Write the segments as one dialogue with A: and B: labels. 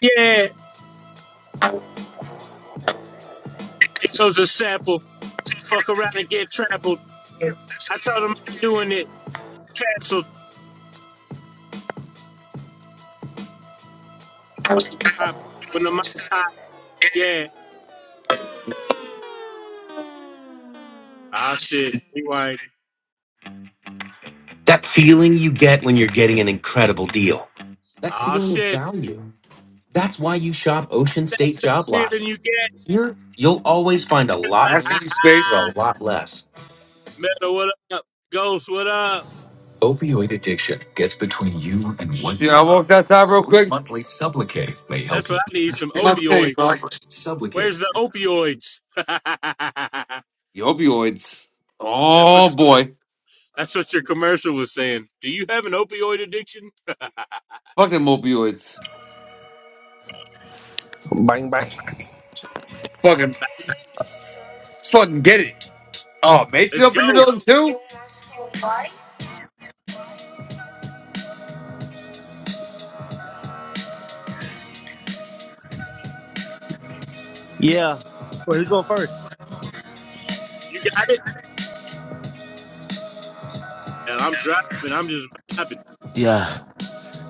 A: Yeah, it was a sample. Fuck around and get trampled. I told him I ain't doing it. Canceled. Mic drop. When the mic's hot, yeah. Ah, shit. Rewind.
B: That feeling you get when you're getting an incredible deal. That
A: Ah,
B: feeling of
A: shit.
B: value. That's why you shop Ocean State
A: That's that
B: Job Lot.
A: feeling you get.
B: Here, you'll always find a lot more Resting space. for space. a lot less.
A: Metal, what up? Ghost, what up?
B: Opioid addiction gets between you and one. Yeah, I walked outside real quick. Monthly Sublocade may
A: That's
B: help you.
A: what I need, some
B: Did my thing, bro.
A: opioids. Where's the
B: Sublocade.
A: opioids? that's
B: The opioids.
A: what
B: Oh boy,
A: that's what your commercial was saying. Do you have an opioid addiction?
B: fuck them opioids.
C: Bang bang.
B: Fucking, fucking get it. Oh, Macy
A: Let's
B: opened the
A: go.
B: building too.
C: Yeah. Well, who's going first?
A: You got it? And I'm driving. I'm just vibing.
D: Yeah,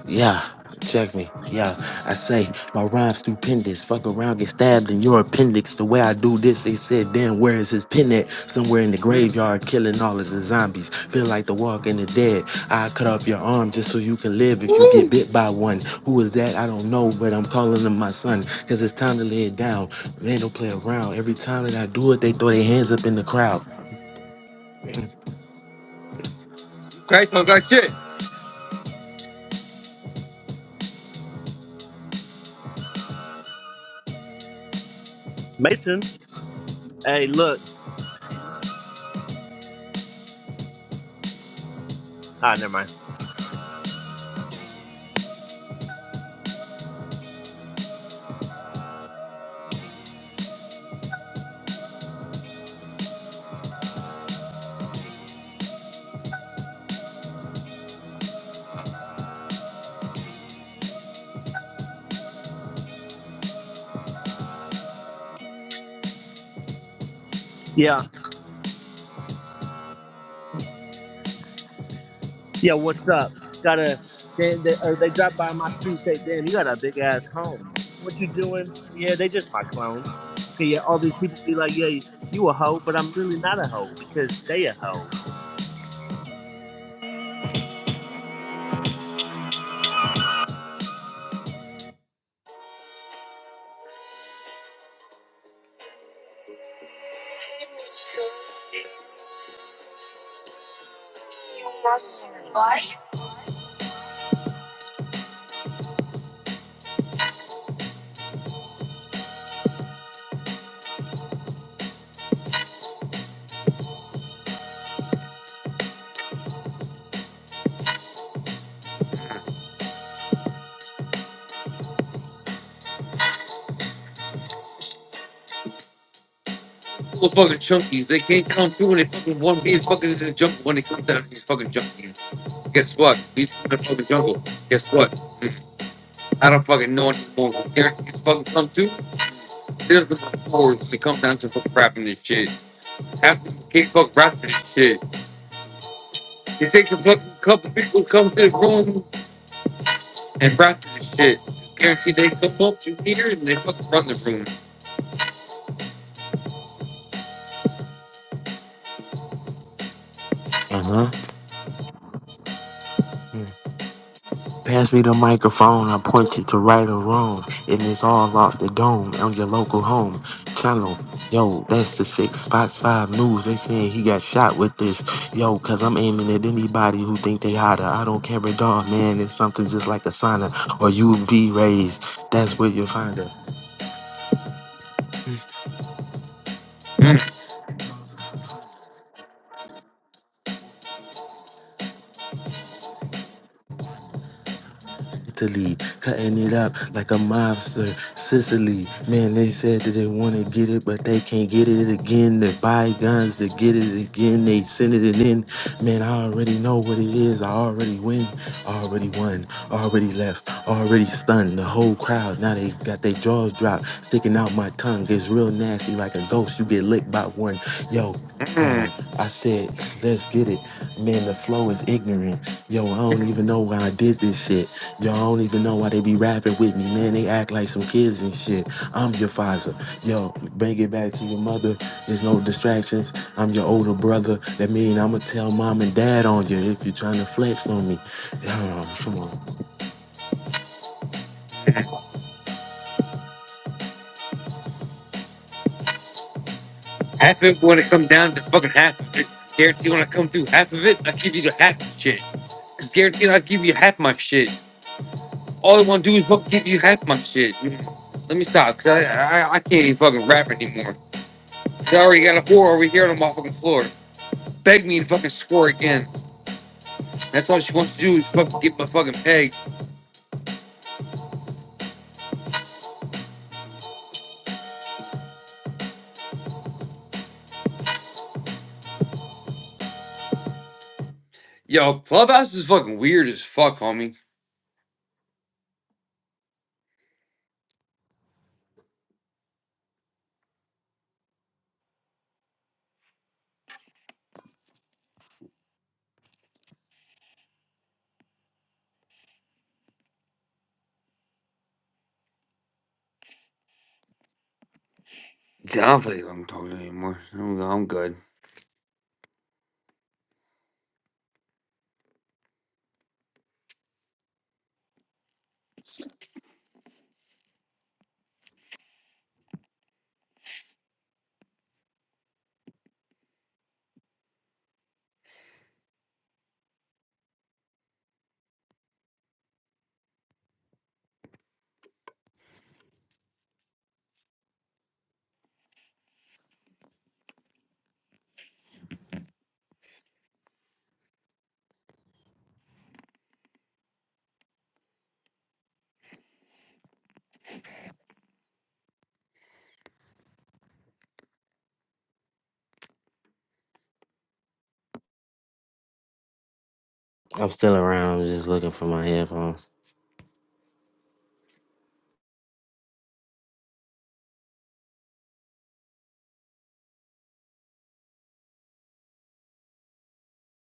D: yeah. Check me. Yeah, I say my rhyme's stupendous. Fuck around, get stabbed in your appendix. The way I do this, they said, damn, where is his pen at? Somewhere in the graveyard, killing all of the zombies. Feel like the walking the dead. I cut off your arm just so you can live if you get bit by one. Who is that? I don't know, but I'm calling him my son. Cause it's time to lay it down. Man, don't play around. Every time that I do it, they throw their hands up in the crowd.
B: Christ, I got shit.
C: Mason. Hey, look. Ah, never mind. Yeah. Yeah, what's up? Got a. They, they, or they drop by my street say, damn, you got a big ass home. What you doing? Yeah, they just my clone. Okay, yeah, all these people be like, yeah, you a hoe, but I'm really not a hoe because they a hoe.
B: Little fucking chunkies. They can't come through and they fucking one piece fucking is in the jungle when they come down to these fucking junkies. Guess what? These in the fucking jungle. Guess what? I don't fucking know anymore. They're fucking come through. They're the forwards to come down to fucking rapping this shit. Half the kids fucking rapping this shit. It takes a fucking couple people to come to the room and rap this shit. Guarantee they come up in here and they fucking run the room.
D: Uh huh. Pass me the microphone, I point you to right or wrong. And it's all off the dome on your local home channel. Yo, that's the six Fox Five News. They saying he got shot with this. Yo, cause I'm aiming at anybody who think they hotter. I don't care a dog, man. It's something just like a sauna or UV rays. That's where you find her. Italy, cutting it up like a mobster. Sicily, man, they said that they want to get it, but they can't get it again. They buy guns to get it again. They send it in. Man, I already know what it is. I already win, I already won, already left, already stunned. The whole crowd, now they got their jaws dropped, sticking out my tongue. It's real nasty like a ghost. You get licked by one. Yo, hold
B: Mm.
D: on. I said, let's get it. Man, the flow is ignorant. Yo, I don't even know why I did this shit. Y'all don't even know why they be rapping with me, man. They act like some kids and shit. I'm your father. Yo, bring it back to your mother. There's no distractions. I'm your older brother. That mean I'ma tell mom and dad on you if you're trying to flex on me. Hold on, come on.
B: Half of it want to come down to fucking half of it. It's guaranteed when I come through half of it, I give you the half of shit. It's guaranteed I give you half my shit. All I want to do is fucking give you half my shit. Let me stop, cause I, I I can't even fucking rap anymore. I already got a whore over here on the fucking floor. Beg me to fucking score again. That's all she wants to do is fucking get my fucking peg. Yo, clubhouse is fucking weird as fuck, homie. I don't feel like I'm talking anymore. I'm, I'm good.
D: I'm still around. I'm just looking for my headphones.